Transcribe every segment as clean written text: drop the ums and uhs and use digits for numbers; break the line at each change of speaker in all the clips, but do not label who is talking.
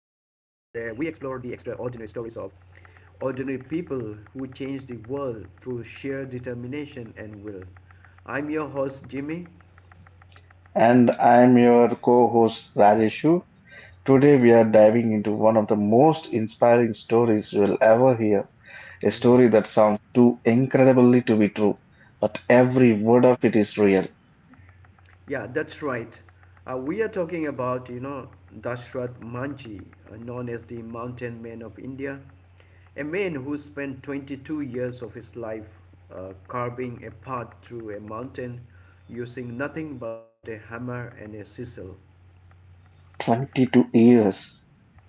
explore the extraordinary stories of ordinary people who change the world through sheer determination and will. I'm your host, Jimmy.
And I'm your co host Rajeshu. Today, we are diving into one of the most inspiring stories you'll ever hear. A story that sounds too incredibly to be true, but every word of it is real.
Yeah, that's right. We are talking about, you know, Dashrath Manji, known as the Mountain Man of India, a man who spent 22 years of his life carving a path through a mountain using nothing but a hammer and a chisel.
22 years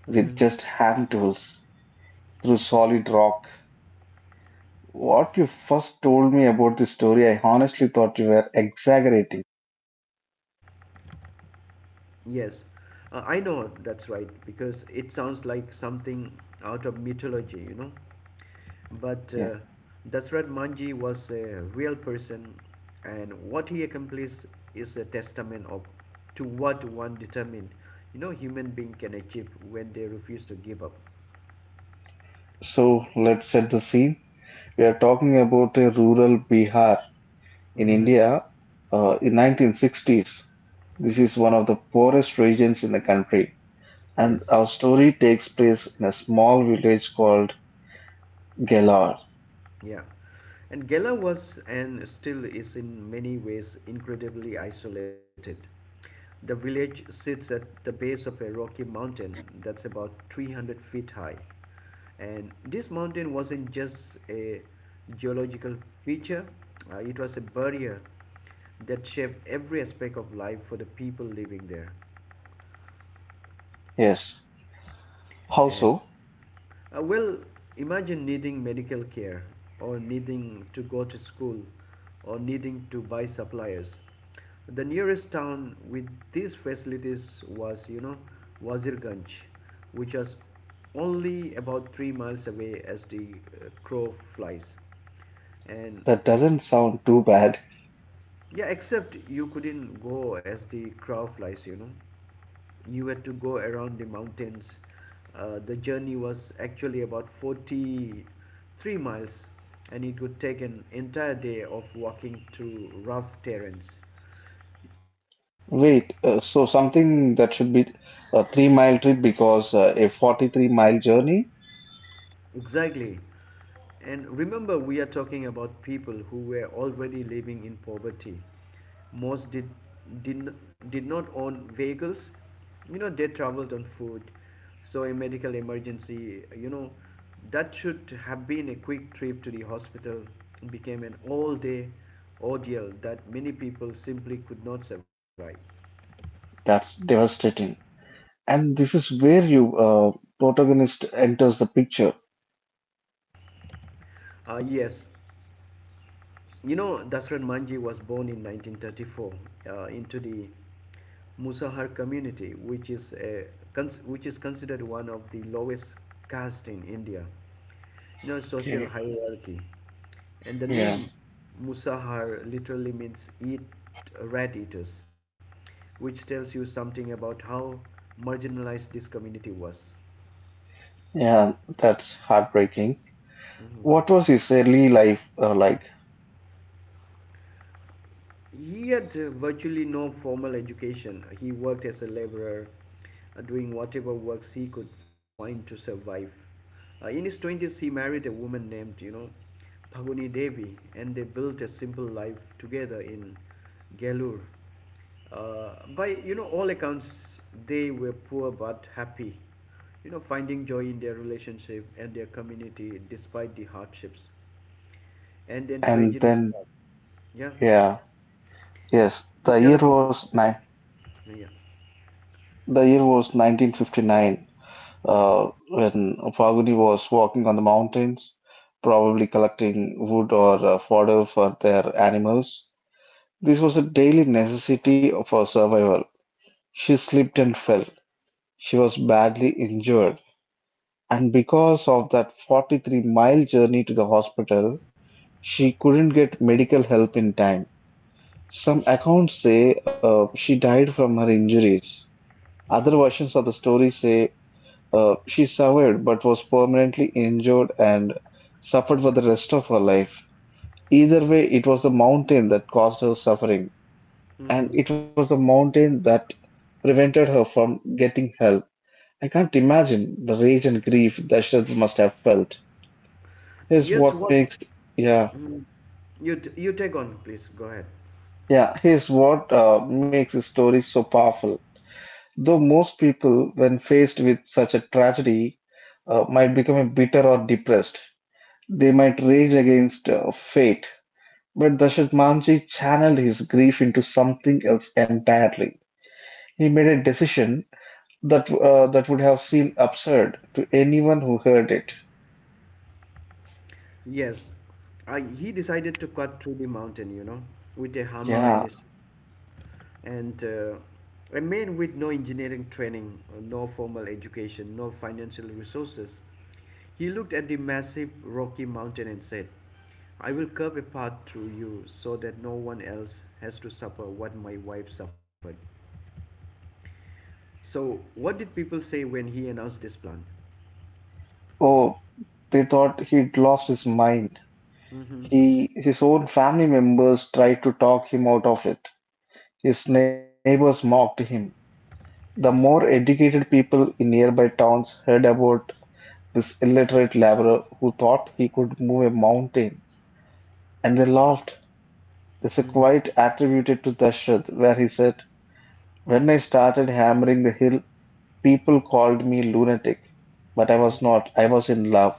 with
hmm
just hand tools through solid rock. What you first told me about this story, I honestly thought you were exaggerating.
Yes, I know that's right because it sounds like something out of mythology, you know.
Yeah.
But Dasrat Manji was a real person, and what he accomplished is a testament of to what one determined, you know, human being can achieve when they refuse to give up.
So let's set the scene. We are talking about a rural Bihar in
hmm
India, in 1960s, this is one of the poorest regions in the country, and
Yes,
our story takes place in a small village called Gelar.
yeah. And Gela was and still is in many ways incredibly isolated. The village sits at the base of a rocky mountain that's about 300 feet high. And this mountain wasn't just a geological feature, it was a barrier that shaped every aspect of life for the people living there.
Yes, how
And
so?
uh, well, Imagine needing medical care, or needing to go to school, or needing to buy supplies. The nearest town with these facilities was, you know, Wazirganj, which was only about 3 miles away as the crow flies. And
That doesn't sound too bad.
yeah, except you couldn't go as the crow flies, you know. You had to go around the mountains. The journey was actually about 43 miles, and it would take an entire day of walking through rough terrains.
Wait, so something that should be a 3 mile trip because a 43-mile journey?
Exactly. And remember, we are talking about people who were already living in poverty. Most did, did, did not own vehicles. You know, they traveled on foot. So, a medical emergency, you know, that should have been a quick trip to the hospital, became an all day ordeal that many people simply could not survive.
That's devastating. And this is where you protagonist enters the picture.
Uh, yes, You know, Dasran Manji was born in 1934 into the Musahar community, which is considered one of the lowest caste in India. You know, social
Okay.
hierarchy. And the
Yeah.
name Musahar literally means eat rat eaters, which tells you something about how marginalized this community was.
Yeah, that's heartbreaking.
Mhm.
What was his early life like?
He had virtually no formal education. He worked as a laborer, doing whatever works he could find to survive. In his 20s, he married a woman named, you know, Bhaguni Devi, and they built a simple life together in Gailur. By you know, all accounts, they were poor but happy, you know, finding joy in their relationship and their community despite the hardships. And then
And
tragedy
then,
struck. Yeah.
yeah, yes,
You tell about it. Yeah.
the year was 1959 when Falguni was walking on the mountains, probably collecting wood or fodder for their animals. This was a daily necessity for survival. She slipped and fell. She was badly injured, and because of that 43-mile journey to the hospital, she couldn't get medical help in time. Some accounts say she died from her injuries. Other versions of the story say she survived but was permanently injured and suffered for the rest of her life. Either way, it was the mountain that caused her suffering, and
Hmm.
it was the mountain that prevented her from getting help. I can't imagine the rage and grief Dashrath must have felt. Here's
Yes,
what
what?
makes, yeah,
Mhm. You take on, please. Go ahead.
yeah, here's what makes the story so powerful. Though most people, when faced with such a tragedy, might become bitter or depressed, they might rage against fate. But Dashrath Manji channeled his grief into something else entirely. He made a decision that would have seemed absurd to anyone who heard it.
Yes. I, he decided to cut through the mountain, you know, with a hammer and
Yeah.
his, and a man with no engineering training, no formal education, no financial resources. He looked at the massive rocky mountain and said, I will carve a path through you so that no one else has to suffer what my wife suffered. So, what did people say when he announced this plan?
Oh, they thought he'd lost his mind.
Mm-hmm.
He, his own family members tried to talk him out of it. His neighbors mocked him. The more educated people in nearby towns heard about this illiterate laborer who thought he could move a mountain, and they laughed. There's a quote attributed to Dashrath where he said, "When I started hammering the hill, people called me lunatic, but I was
Hmm.
not. I was in love."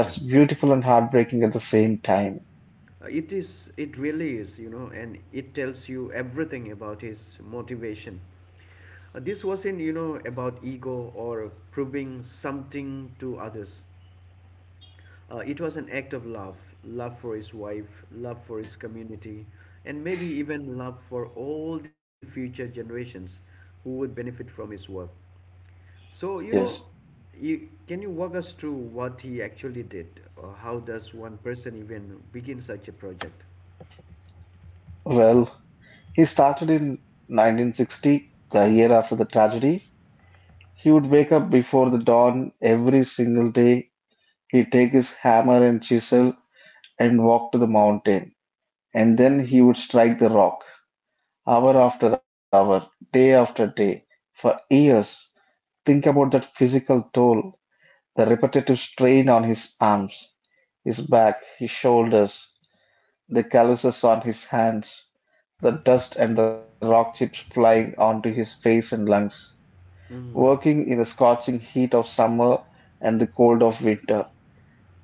Yeah,
beautiful and heartbreaking at the same time.
It is. It really is, you know, and it tells you everything about his motivation. This wasn't, you know, about ego or proving something to others. It was an act of love, love for his wife, love for his community, and maybe even love for all the future generations who would benefit from his work. So,
Yes.
can you walk us through what he actually did? Or how does one person even begin such a project?
Well, he started in 1960, the year after the tragedy. He would wake up before the dawn every single day. He'd take his hammer and chisel and walk to the mountain, and then he would strike the rock, hour after hour, day after day, for years. Think about that physical toll, the repetitive strain on his arms, his back, his shoulders, the calluses on his hands, the dust and the rock chips flying onto his face and lungs,
Hmm.
working in the scorching heat of summer and the cold of winter.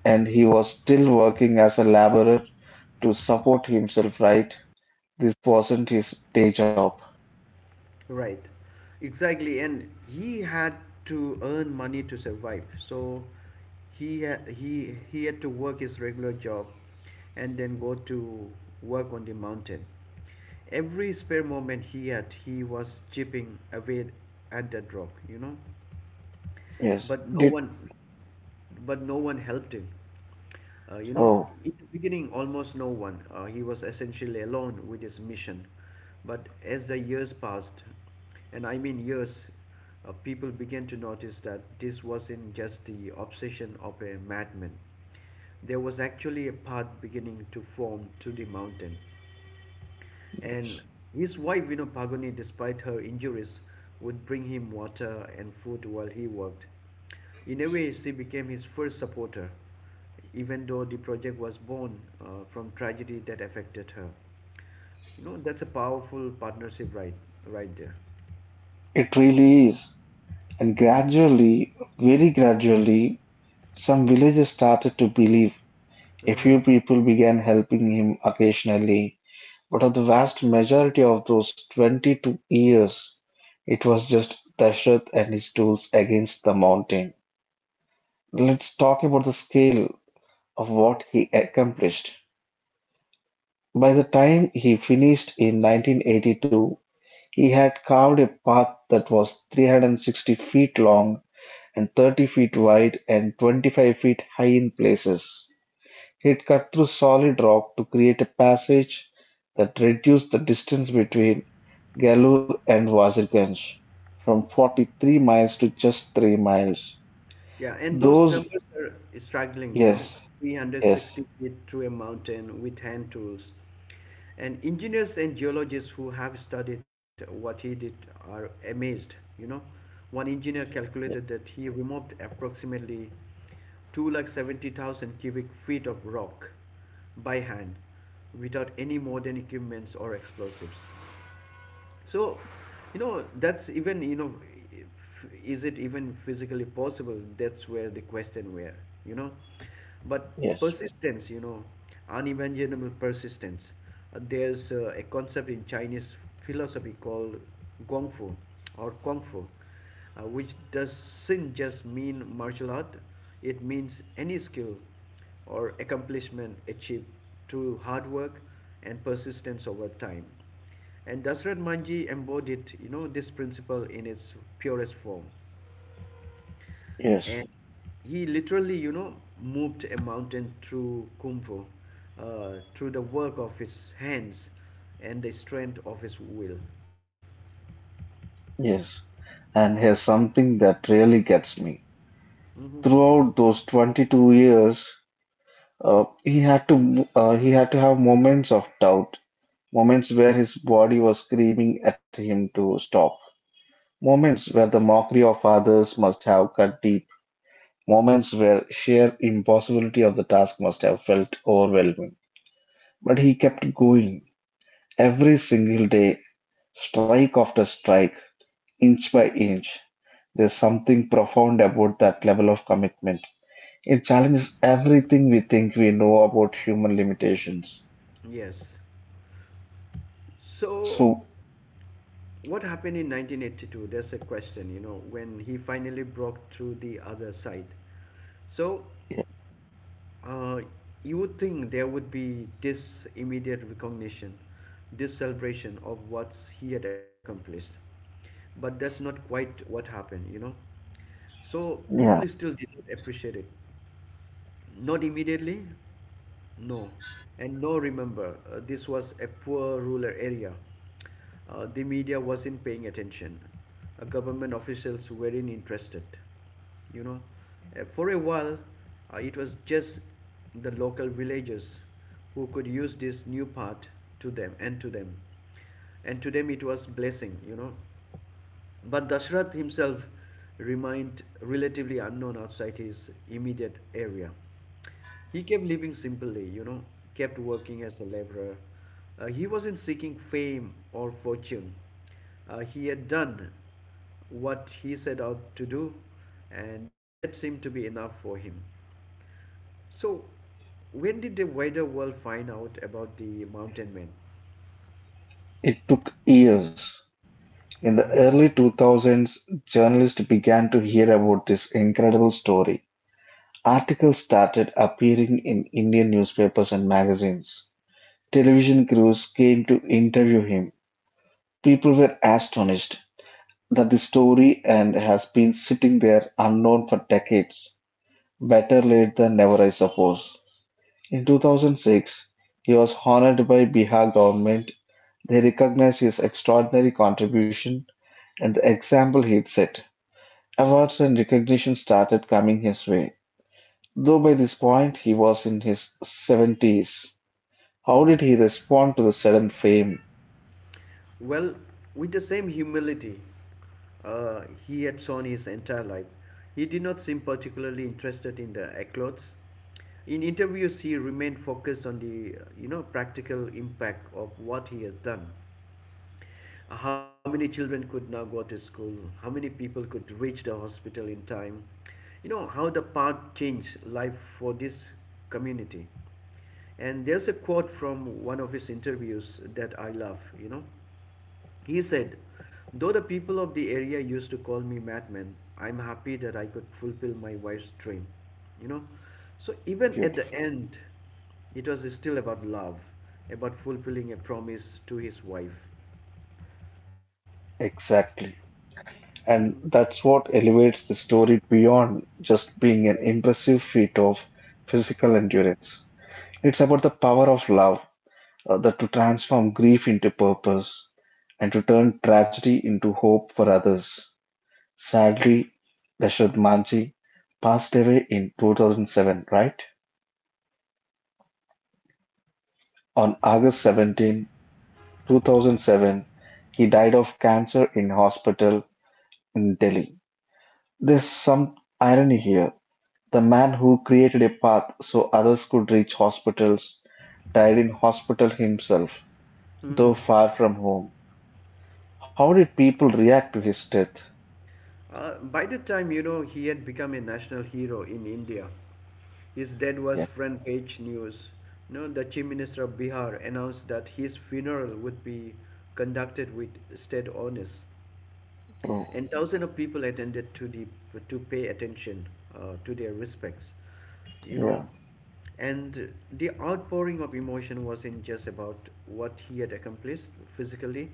And he was still working as a laborer to support himself, right? This wasn't his day job.
Right. Exactly. And he had to earn money to survive. So he had to work his regular job and then go to work on the mountain. Every spare moment he had, he was chipping away at that rock, you know.
Yes.
but no
Did
one but no one helped him you know
oh,
in the beginning almost no one he was essentially alone with his mission but as the years passed and I mean years people began to notice that this wasn't just the obsession of a madman there was actually a path beginning to form to the mountain and his wife, you know, Pagoni, despite her injuries, would bring him water and food while he worked. In a way, she became his first supporter, even though the project was born from tragedy that affected her. You know, that's a powerful partnership right, right there.
it really is. And gradually, very gradually, some villagers started to believe. A
Uh-huh.
few people began helping him occasionally, but of the vast majority of those 22 years, it was just Dashrath and his tools against the mountain. Let's talk about the scale of what he accomplished. By the time he finished in 1982, he had carved a path that was 360 feet long and 30 feet wide and 25 feet high in places. He'd cut through solid rock to create a passage that reduced the distance between Galur and Wazirganj from 43 miles to just 3 miles.
Yeah, and those
Those,
numbers are struggling, you know,
yes, yes,
360 feet through a mountain with hand tools. And engineers and geologists who have studied what he did are amazed, you know. One engineer calculated that he removed approximately 270,000 cubic feet of rock by hand without any modern equipments or explosives. So, you know, that's even, you know, is it even physically possible? That's where the question where, you know. But
yes,
persistence, you know, unimaginable persistence. There's a concept in Chinese philosophy called Gong Fu or Kung Fu, which doesn't just mean martial art, it means any skill or accomplishment achieved through hard work and persistence over time. And Dasrat Manji embodied, you know, this principle in its purest form.
yes,
And he literally, you know, moved a mountain through Kung Fu, through the work of his hands and the strength of his will.
yes. And here's something that really gets me.
Hmm.
Throughout those 22 years, he had to have moments of doubt, moments where his body was screaming at him to stop, moments where the mockery of others must have cut deep, moments where sheer impossibility of the task must have felt overwhelming. But he kept going every single day, strike after strike, inch by inch. There's something profound about that level of commitment. It challenges everything we think we know about human limitations.
Yes. So,
So.
what happened in 1982? There's a question, you know, when he finally broke through the other side. So, Uh, you would think there would be this immediate recognition, this celebration of what he had accomplished. But that's not quite what happened, you know. So people
Yeah,
still did not appreciate it. Not immediately? No. And no, remember, this was a poor rural area. The media wasn't paying attention. Government officials weren't interested. You know, For a while, it was just the local villagers who could use this new path to them and to them. And to them, it was blessing, you know. But Dashrath himself remained relatively unknown outside his immediate area. He kept living simply, you know, kept working as a laborer. He wasn't seeking fame or fortune. He had done what he set out to do, and that seemed to be enough for him. So, when did the wider world find out about the mountain men?
it took years. In the early 2000s, journalists began to hear about this incredible story. Articles started appearing in Indian newspapers and magazines. Television crews came to interview him. People were astonished that the story and has been sitting there unknown for decades. Better late than never, I suppose. In 2006, he was honored by Bihar government. They recognized his extraordinary contribution and the example he'd set. Awards and recognition started coming his way, though by this point he was in his 70s. How did he respond to the sudden fame?
Well, with the same humility uh, he had shown his entire life, he did not seem particularly interested in the eclogues. In interviews, he remained focused on the you know practical impact of what he has done. How many children could now go to school? How many people could reach the hospital in time? You know how the path changed life for this community. And there's a quote from one of his interviews that I love, you know. He said, though the people of the area used to call me madman, I'm happy that I could fulfill my wife's dream. You know? So even at the
Beautiful.
end, it was still about love, about fulfilling a promise to his wife.
Exactly.
Mhm.
And that's what elevates the story beyond just being an
Right.
impressive feat of physical endurance. It's about the power of love, that to transform grief into purpose and to turn tragedy into hope for others. Sadly, Dashrath-manji passed away in 2007, right? On August 17, 2007, he died of cancer in hospital in Delhi. There's some irony here. The man who created a path so others could reach hospitals died in hospital himself,
Mhm.
though far from home. How did people react to his death?
By the time you know he had become a national hero in India, his death was
Yeah.
front page news. No, the chief minister of Bihar announced that his funeral would be conducted with state honors.
Oh,
And thousands of people attended to the to pay attention to their respects you know
yeah.
and the outpouring of emotion wasn't just about what he had accomplished physically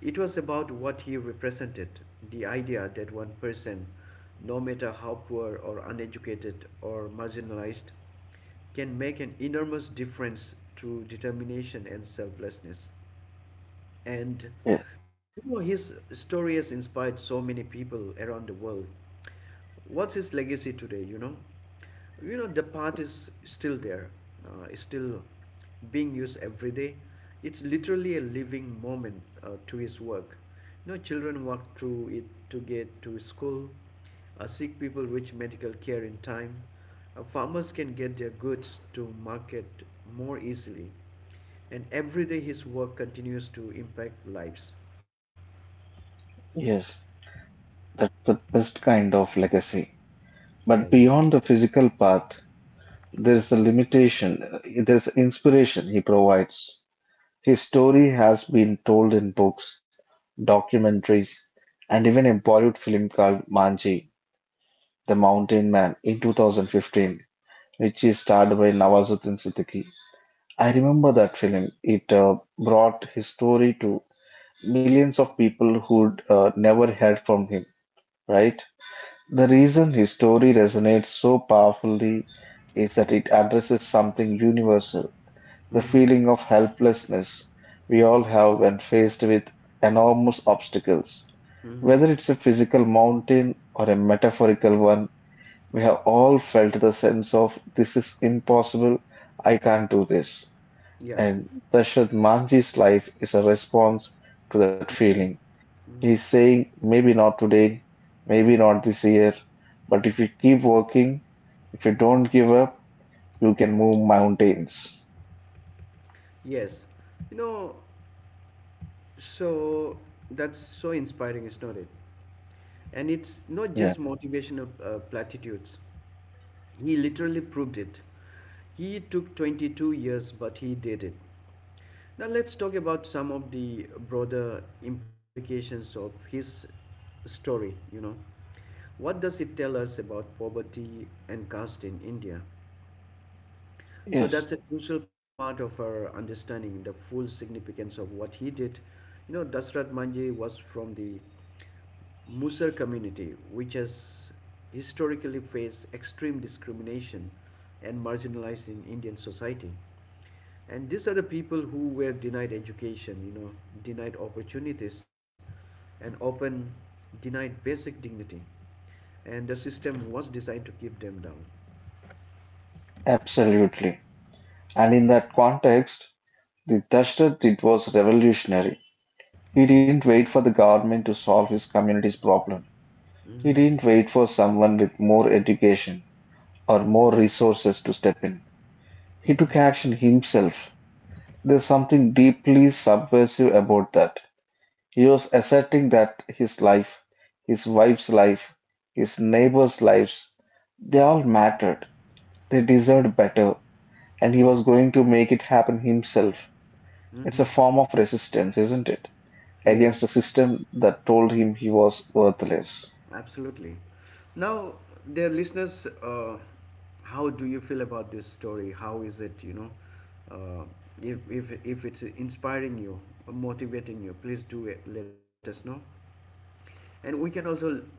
it was about what he represented the idea that one person no matter how poor or uneducated or marginalized can make an enormous difference through determination and selflessness and
Yes.
you know, his story has inspired so many people around the world. What's his legacy today, you know? You know, the path is still there, it's still being used every day. It's literally a living moment to his work. You know, children walk through it to get to school, sick people reach medical care in time, farmers can get their goods to market more easily and every day his work continues to impact lives.
Yes. That's the best kind of legacy. But
Yes.
beyond the physical path, there's a limitation, uh, there's inspiration he provides. His story has been told in books, documentaries, and even a Bollywood film called Manji, The Mountain Man, in 2015, which is starred by Nawazuddin Siddiqui. I remember that film. It brought his story to millions of people who'd never heard from him, right? The reason his story resonates so powerfully is that it addresses something universal the
Mm-hmm.
feeling of helplessness we all have when faced with enormous obstacles.
Hmm.
Whether it's a physical mountain or a metaphorical one, we have all felt the sense of this is impossible, I can't do this.
Yeah.
And Dashrath Manji's life is a response to that feeling.
Mm.
He's saying, maybe not today, maybe not this year, but if you keep working, if you don't give up, you can move mountains.
Yes. You know, so that's so inspiring, is not it? And it's not
Yeah.
just motivational platitudes. He literally proved it. He took 22 years, but he did it. Now, let's talk about some of the broader implications of his story. You know, what does it tell us about poverty and caste in India? So
Yes,
that's a crucial part of our understanding the full significance of what he did. You know, Dasrat Manji was from the Musar community, which has historically faced extreme discrimination and marginalized in Indian society. And these are the people who were denied education, you know, denied opportunities, and often denied basic dignity. And the system was designed to keep them down.
absolutely. And in that context, the Dashrath did was revolutionary. He didn't wait for the government to solve his community's problem. He
Hmm.
didn't wait for someone with more education or more resources to step in. He took
Hmm.
action himself. There's something deeply subversive about that. He was asserting that his life, his wife's life, his neighbors' lives, they all mattered, they deserved better, and he was going to make it happen himself. It's a
Hmm.
form of resistance, isn't it? Against
Yes,
the system that told him he was worthless.
absolutely. Now, dear listeners, how do you feel about this story? How is it? Uh, if it's inspiring you, motivating you, please do it, let us know. And we can also,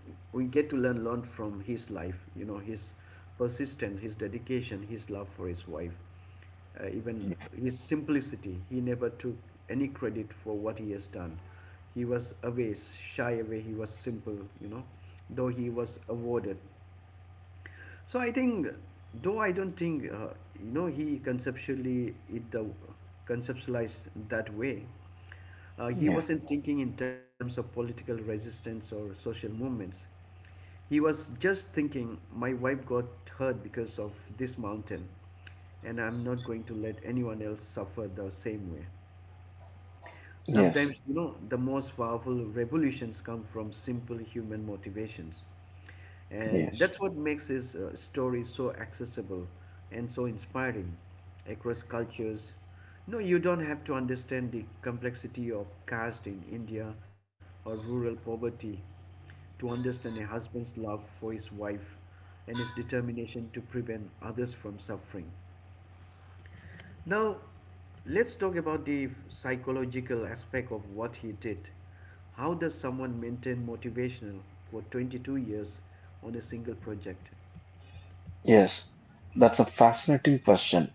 we get to learn from his life, you know, his persistence, his dedication, his love for his wife, even his simplicity. He never took any credit for what he has done. He was away, shy away, he was simple, you know, though he was awarded. So I think, though I don't think, you know, he conceptually it the conceptualized that way. He
Yeah.
wasn't thinking in terms of political resistance or social movements. He was just thinking, my wife got hurt because of this mountain, and I'm not going to let anyone else suffer the same way.
Yes.
Sometimes, you know, the most powerful revolutions come from simple human motivations. And
Yes.
that's what makes his story so accessible and so inspiring across cultures. No, you don't have to understand the complexity of caste in India or rural poverty to understand a husband's love for his wife and his determination to prevent others from suffering. Now, let's talk about the psychological aspect of what he did. How does someone maintain motivational for 22 years on a single project?
Yes. That's a fascinating question.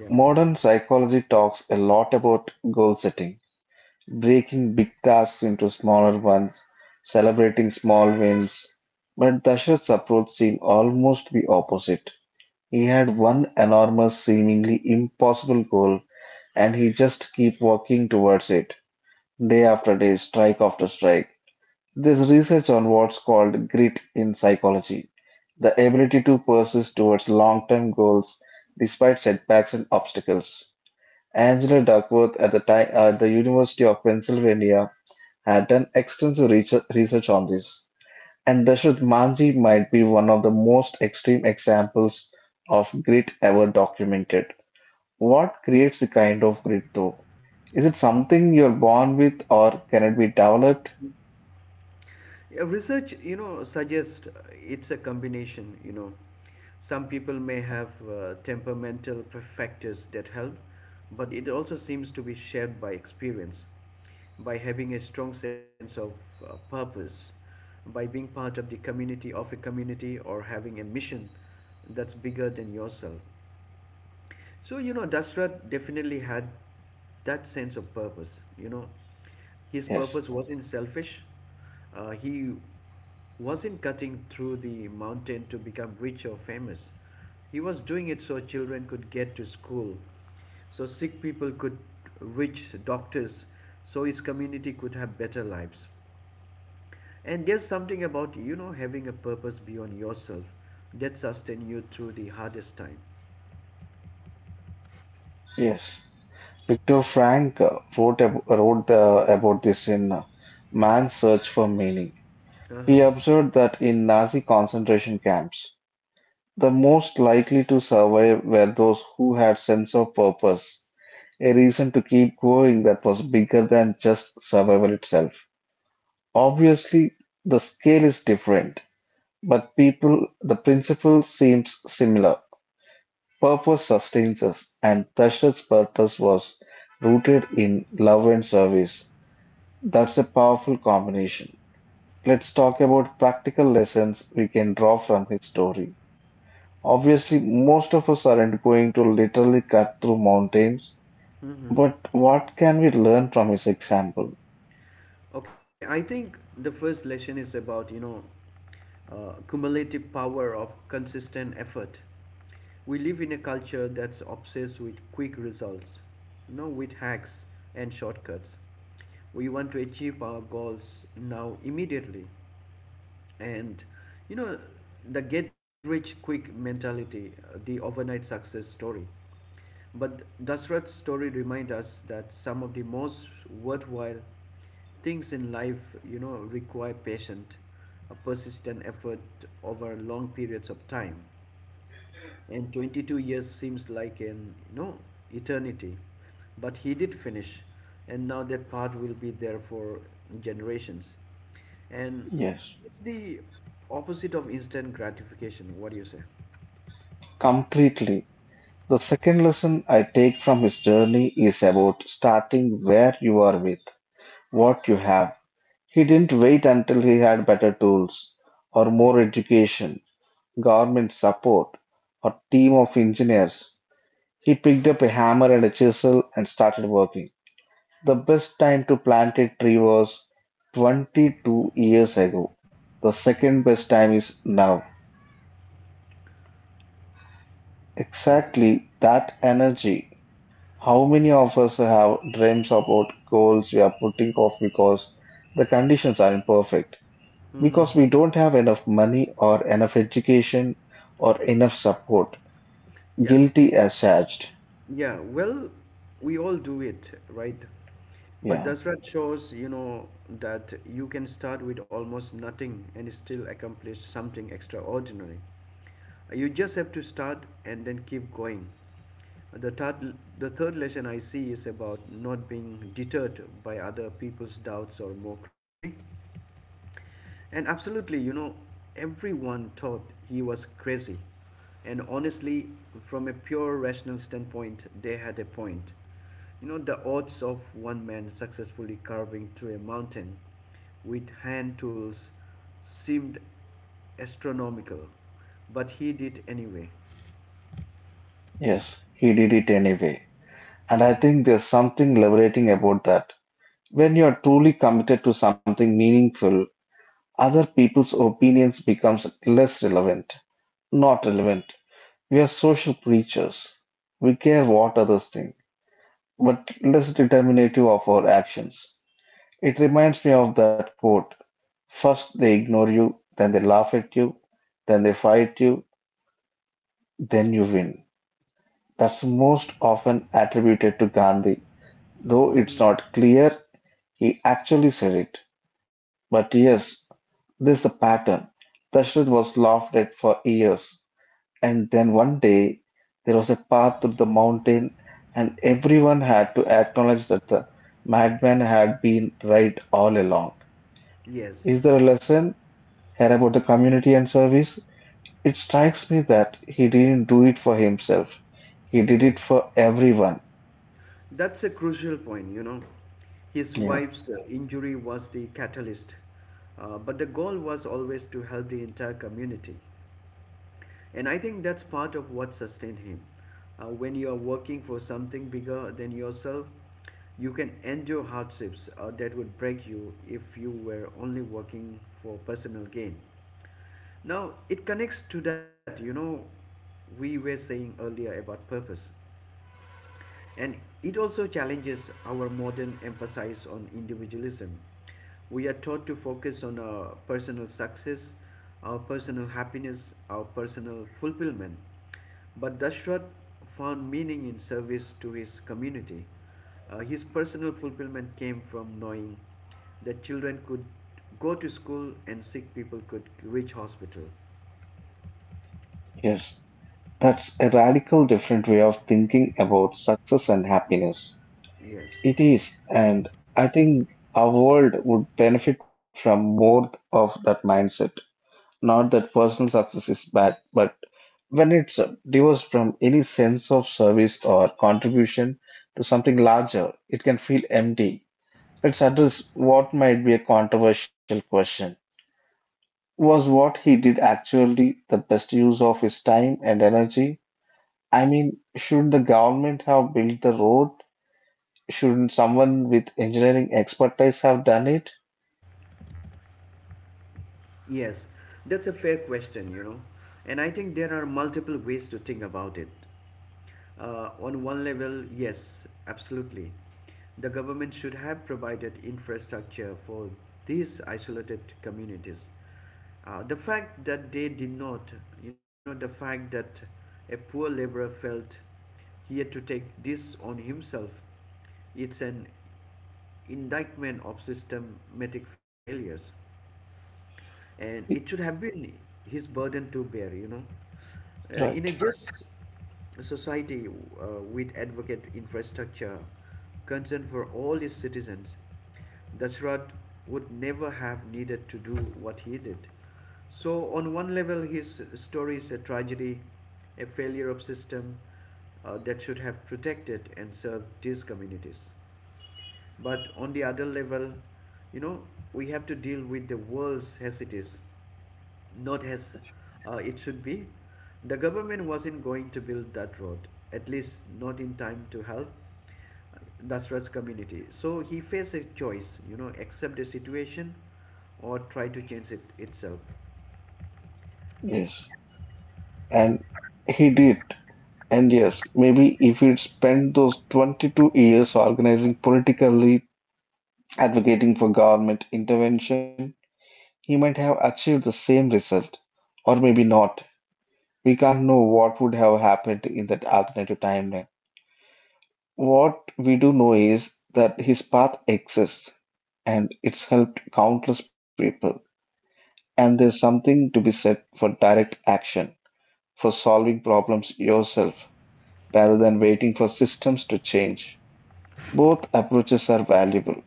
Yeah.
Modern psychology talks a lot about goal setting, breaking big tasks into smaller ones, celebrating small wins. But Dashrath's approach seemed almost the opposite. He had one enormous, seemingly impossible goal, and he just kept walking towards it, day after day, strike after strike. This research on what's called grit in psychology, the ability to persist towards long-term goals despite setbacks and obstacles. Angela Duckworth at the time at the University of Pennsylvania had done extensive research on this, and Dashrath Manji might be one of the most extreme examples of grit ever documented. What creates the kind of grit, though? Is it something you're born with, or can it be developed?
Yeah, research, you know, suggests it's a combination. You know, some people may have temperamental factors that help, but it also seems to be shared by experience, by having a strong sense of purpose, by being part of the community of a community or having a mission that's bigger than yourself. So, you know, Dashrath definitely had that sense of purpose. You know, his
Yes,
purpose wasn't selfish. He wasn't cutting through the mountain to become rich or famous. He was doing it so children could get to school, so sick people could reach doctors, so his community could have better lives. And there's something about, you know, having a purpose beyond yourself that sustain you through the hardest time.
yes. Viktor Frank wrote about this in Man's Search for Meaning.
Uh-huh.
He observed that in Nazi concentration camps, the most likely to survive were those who had sense of purpose a reason to keep going that was bigger than just survival itself. Obviously, the scale is different, but people, the principle seems similar. Purpose sustains us, and Dashrath's purpose was rooted in love and service. That's a powerful combination. Let's talk about practical lessons we can draw from his story. Obviously, most of us aren't going to literally cut through mountains,
Mm-hmm.
but what can we learn from his example?
Okay, I think the first lesson is about, you know, cumulative power of consistent effort. We live in a culture that's obsessed with quick results, you know, with hacks and shortcuts. We want to achieve our goals now immediately. And, you know, the get rich quick mentality, the overnight success story. But Dasrath's story reminds us that some of the most worthwhile things in life, you know, require patient, a persistent effort over long periods of time. And 22 years seems like an, you know, eternity. But he did finish, and now that part will be there for generations. And
Yes,
it's the opposite of instant gratification. What do you say?
completely. The second lesson I take from his journey is about starting where you are with what you have. He didn't wait until he had better tools or more education, government support, or team of engineers. He picked up a hammer and a chisel and started working. The best time to plant a tree was 22 years ago. The second best time is now.
Yeah.
Exactly that energy. How many of us have dreams about goals we are putting off because the conditions are imperfect,
Hmm.
because we don't have enough money or enough education or enough support?
Yeah.
Guilty as charged.
Yeah, well, we all do it, right? But
Yeah,
Dasrat shows, you know, that you can start with almost nothing and still accomplish something extraordinary. You just have to start and then keep going. The third lesson I see is about not being deterred by other people's doubts or mockery. And absolutely, you know, everyone thought he was crazy. And honestly, from a pure rational standpoint, they had a point. You know, the odds of one man successfully carving through a mountain with hand tools seemed astronomical, but he did anyway.
yes, he did it anyway. And I think there's something liberating about that. When you are truly committed to something meaningful, other people's opinions becomes less relevant. Not relevant. We are social creatures. We care what others think. But less determinative of our actions. It reminds me of that quote. First they ignore you, then they laugh at you, then they fight you, then you win. That's most often attributed to Gandhi, though it's not clear he actually said it. But yes, this is the pattern. Dashrath was laughed at for years. And then one day there was a path through the mountain, and everyone had to acknowledge that the madman had been right all along.
Yes,
Is there a lesson here about the community and service? It strikes me that he didn't do it for himself, he did
yes.
it for everyone.
That's a crucial point, you know. His
Yeah,
wife's injury was the catalyst, but the goal was always to help the entire community. And I think that's part of what sustained him. When you are working for something bigger than yourself, you can endure hardships that would break you if you were only working for personal gain. Now, it connects to that, you know, we were saying earlier about purpose. And it also challenges our modern emphasis on individualism. We are taught to focus on our personal success, our personal happiness, our personal fulfillment. But Dashrath found meaning in service to his community. His personal fulfillment came from knowing that children could go to school and sick people could reach hospital.
yes. That's a radical different way of thinking about success and happiness.
Yes.
It is, and I think our world would benefit from more of that mindset. Not that personal success is bad, but when it's divorced from any sense of service or contribution to something larger, it can feel empty. Let's address what might be a controversial question. Was what he did actually the best use of his time and energy? I mean, should the government have built the road? Shouldn't someone with engineering expertise have done it?
Yes, that's a fair question, you know. And I think there are multiple ways to think about it. On one level, yes, absolutely. The government should have provided infrastructure for these isolated communities. The fact that they did not, you know, the fact that a poor laborer felt he had to take this on himself, it's an indictment of systematic failures, and it should have been his burden to bear, you know, in a
Right.
just society, uh, with advocate infrastructure, concern for all its citizens, Dashrath would never have needed to do what he did. So, on one level, his story is a tragedy, a failure of system that should have protected and served these communities. But on the other level, you know, we have to deal with the world as it is, not as it should be. The government wasn't going to build that road, at least not in time to help the Dasrath's community. So he faced a choice, you know, accept the situation or try to change it itself.
Yes. And he did. And
Yeah.
yes, maybe if he'd spent those 22 years organizing politically, advocating for government intervention, he might have achieved the same result. Or maybe not. We can't know what would have happened in that alternative timeline. What we do know is that his path exists and it's helped countless people. And there's something to be said for direct action, for solving problems yourself rather than waiting for systems to change. Both approaches are valuable.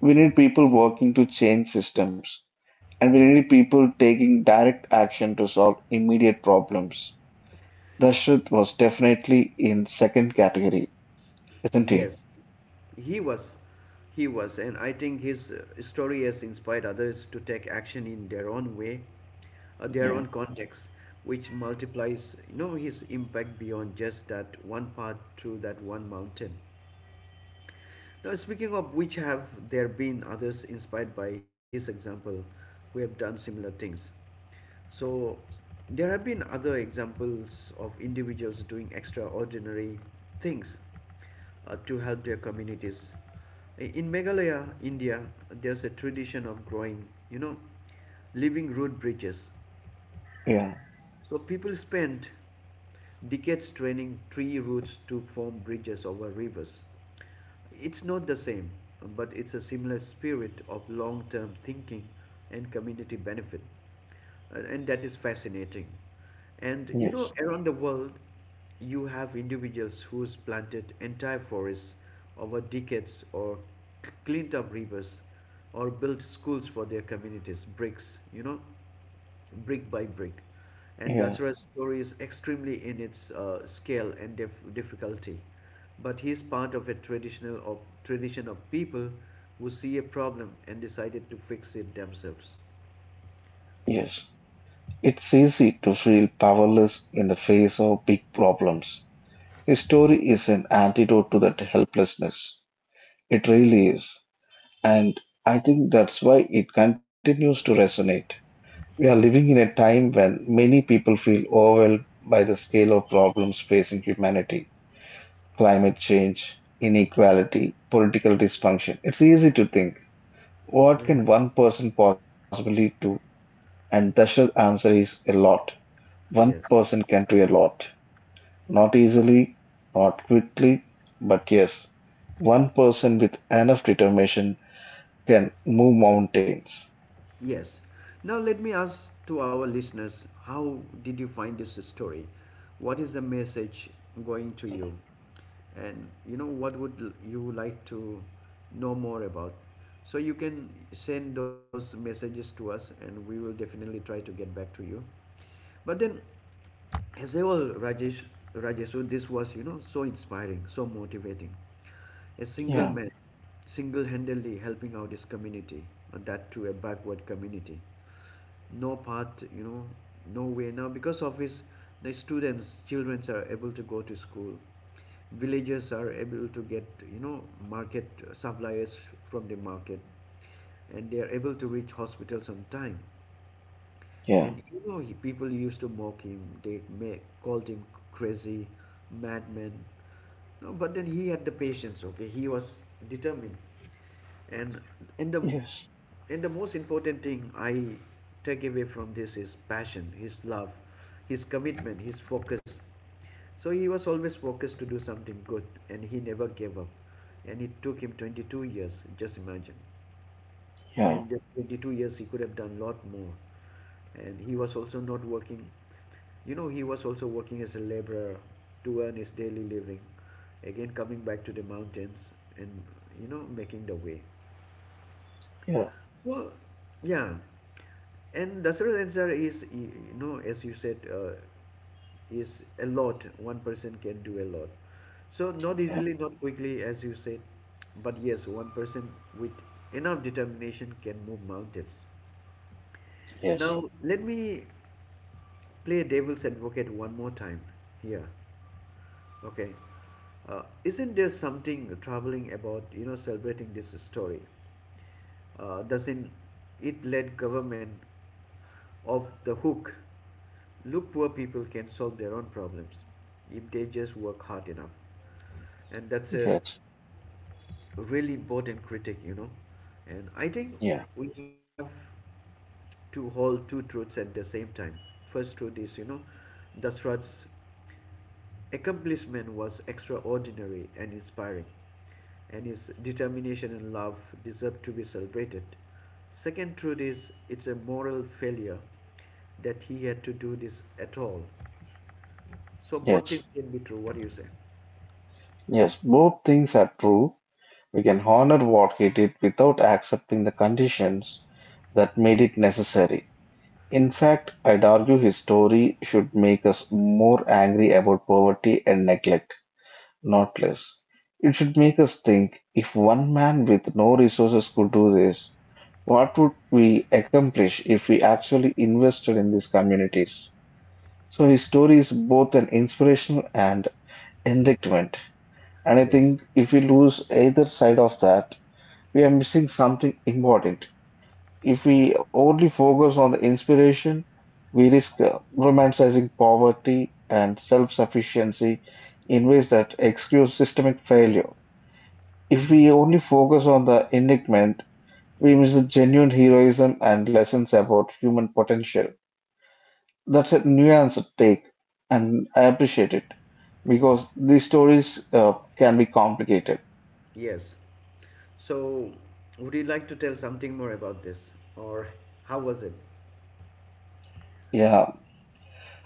We need people working to change systems, and we need people taking direct action to solve immediate problems. Dashrath was definitely in second category, isn't he?
Yes, he was. He was, and I think his story has inspired others to take action in their own way, their own
Yeah,
context, which multiplies, you know, his impact beyond just that one path through that one mountain. Now, speaking of which, have there been others inspired by his example who have done similar things? So, there have been other examples of individuals doing extraordinary things to help their communities. In Meghalaya, India, there's a tradition of growing, you know, living root bridges,
yeah,
so people spent decades training tree roots to form bridges over rivers. It's not the same, but it's a similar spirit of long term thinking and community benefit. And that is fascinating. And you know,
yes,
around the world, you have individuals who's planted entire forests over decades or cleaned up rivers or built schools for their communities, bricks, you know, brick by brick. And
yeah,
Dasara's story is extremely in its scale and difficulty, but he is part of a tradition of people who see a problem and decided to fix it themselves.
yes. It's easy to feel powerless in the face of big problems. His story is an antidote to that helplessness. It really is. And I think that's why it continues to resonate. We are living in a time when many people feel overwhelmed by the scale of problems facing humanity: climate change, inequality, political dysfunction. It's easy to think, what
Mhm.
can one person possibly do? And the short answer is a lot. One
Yes.
person can do a lot. Not easily, not quickly, but yes, one person with enough determination can move mountains.
Yes. Now let me ask to our listeners, how did you find this story? What is the message going to you? And you know what would you like to know more about? So you can send those messages to us and we will definitely try to get back to you. But then as a whole, Rajesh, so this was, you know, so inspiring, so motivating. A single
Yeah,
man, single-handedly helping out his community, and that to a backward community. No path, you know, no way. Now, because of his, the students, children are able to go to school. Villages are able to get, you know, market supplies from the market, and they are able to reach hospitals on time.
yeah,
And you know, he, people used to mock him. They may, called him crazy, madman. No, but then he had the patience. Okay, he was determined. And and the
yes,
and the most important thing I take away from this is passion, his love, his commitment, his focus. So he was always focused to do something good, and he never gave up. And it took him 22 years. Just imagine,
yeah,
and at 22 years he could have done a lot more, and he was also not working, you know, he was also working as a laborer to earn his daily living, again coming back to the mountains and, you know, making the way.
yeah,
So yeah, and Dasarath Ansar is you know, as you said, is a lot, one person can do a lot. So not
yeah,
easily, not quickly, as you said, but yes, one person with enough determination can move mountains.
yes.
Now, let me play devil's advocate one more time here. Okay. Isn't there something troubling about, you know, celebrating this story? Doesn't it let government off the hook? Look, poor people can solve their own problems if they just work hard enough, and that's a
Yes,
really important critique, you know. And I think
yeah,
we have to hold two truths at the same time. First truth is, you know, Dasrath's accomplishment was extraordinary and inspiring, and his determination and love deserve to be celebrated. Second truth is it's a moral failure that he had to do this at all. So both
yes,
things can be true. What do you say?
yes. Both things are true. We can honor what he did without accepting the conditions that made it necessary. In fact, I'd argue his story should make us more angry about poverty and neglect, not less. It should make us think, if one man with no resources could do this, what would we accomplish if we actually invested in these communities? So his story is both an inspirational and enlightenment. And I
Yes.
think if we lose either side of that, we are missing something important. If we only focus on the inspiration, we risk romanticizing poverty and self-sufficiency in ways that excuse systemic failure. If
Hmm.
we only focus on the enigment, we miss the genuine heroism and lessons about human potential. That's a nuanced take, and I appreciate it because these stories can be complicated.
Yes. So would you like to tell something more about this, or how was it?
Yeah.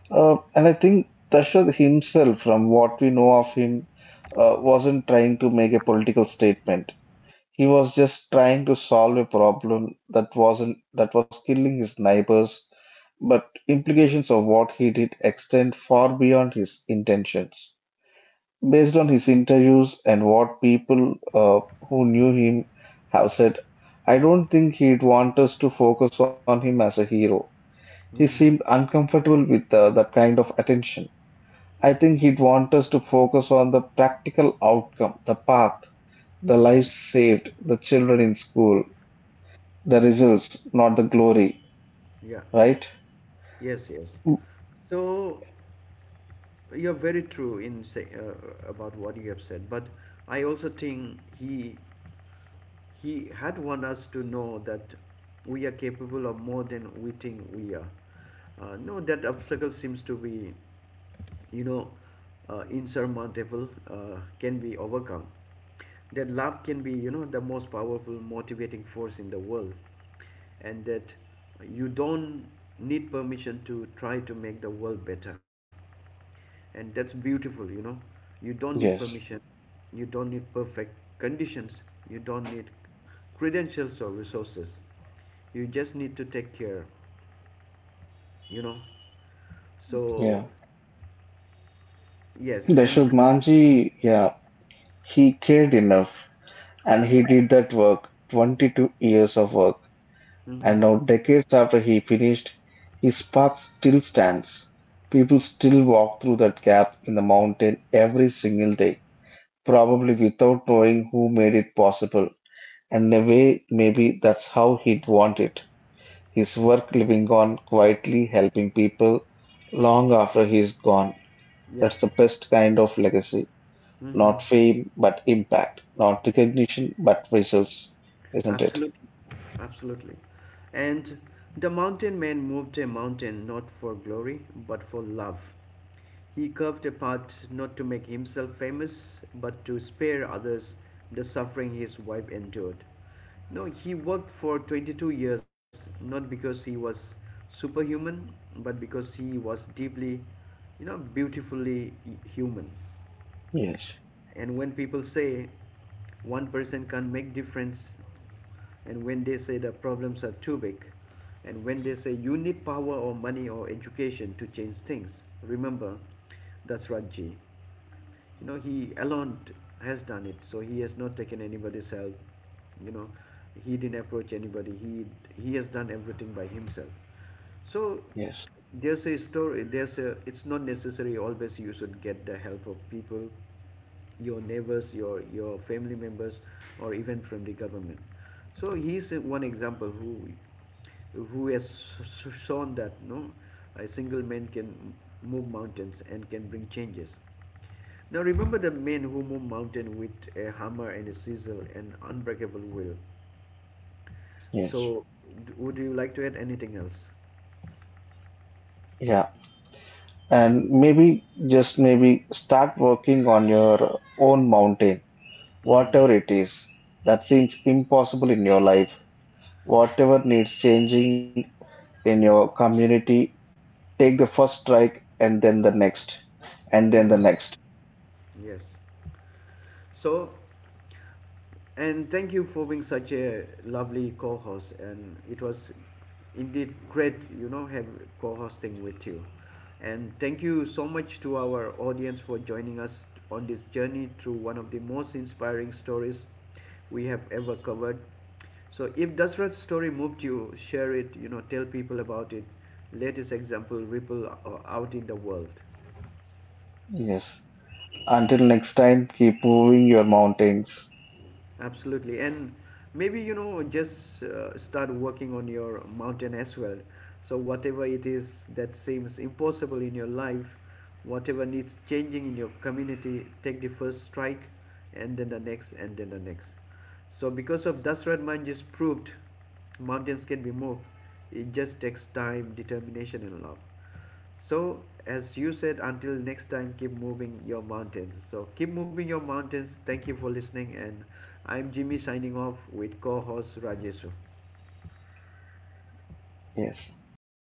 And I think Dashrath himself, from what we know of him, wasn't trying to make a political statement. He was just trying to solve a problem that wasn't that was killing his neighbors, but implications of what he did extend far beyond his intentions. Based on his interviews and what people who knew him have said, I don't think he'd want us to focus on him as a hero. He seemed
Hmm.
uncomfortable with that kind of attention. I think he'd want us to focus on the practical outcome, the path, the
Hmm.
lives saved, the children in school, the results, not the glory,
Yeah.
right?
Yes. Yes.
Mm.
So you're very true in say about what you have said, but I also think he had want us to know that we are capable of more than we think we are. No, that obstacle seems to be, you know, insurmountable, can be overcome. That love can be, you know, the most powerful motivating force in the world, and that you don't need permission to try to make the world better, and that's beautiful, you know, you don't need
Yes,
permission, you don't need perfect conditions, you don't need credentials or resources, you just need to take care, you know, so
yeah.
yes
Dashrath
and
Manji, yeah, he cared enough and he did that work, 22 years of work. And
mhm,
now, decades after he finished, his path still stands. People still walk through that gap in the mountain every single day, probably without knowing who made it possible. And in a way, maybe that's how he'd want it. His work living on quietly, helping people long after he's gone.
yeah.
That's the best kind of legacy.
Hmm.
Not fame, but impact. Not recognition, but results. Isn't it?
Absolutely, absolutely. And the mountain man moved a mountain not for glory but for love. He carved a path not to make himself famous but to spare others the suffering his wife endured. No, he worked for 22 years not because he was superhuman but because he was deeply, you know, beautifully human,
Yes,
and when people say one person can't make difference, and when they say the problems are too big, and when they say you need power or money or education to change things, remember that's Rajji, you know, he alone has done it, so he has not taken anybody's help, you know, he didn't approach anybody, he has done everything by himself. So,
yes,
there's a it's not necessary always you should get the help of people, your neighbors, your family members, or even from the government. So he's one example who has shown that no, a single man can move mountains and can bring changes. Now remember the man who moved mountain with a hammer and a chisel and unbreakable will.
yes.
So would you like to add anything else?
Yeah. And maybe, just maybe, start working on your own mountain,
Mm.
whatever it is that seems impossible in your life, whatever needs changing in your community, take the first strike and then the next and then the
Mm.
next.
Yes. So, and thank you for being such a lovely co-host. And it was indeed great, you know, have co-hosting with you. And thank you so much to our audience for joining us on this journey through one of the most inspiring stories we have ever covered. So if Dasrath's story moved you, share it, you know, tell people about it. Let this example out in the world.
Yes. Until next time, keep moving your mountains.
Absolutely. And maybe, you know, just start working on your mountain as well. So, whatever it is that seems impossible in your life, whatever needs changing in your community, take the first strike and then the next and then the next. So, because of Dasrat Mine just proved mountains can be moved, it just takes time, determination, and love. So, as you said, until next time, keep moving your mountains. So, keep moving your mountains. Thank you for listening. And I'm Jimmy signing off with co host Rajesu.
Yes.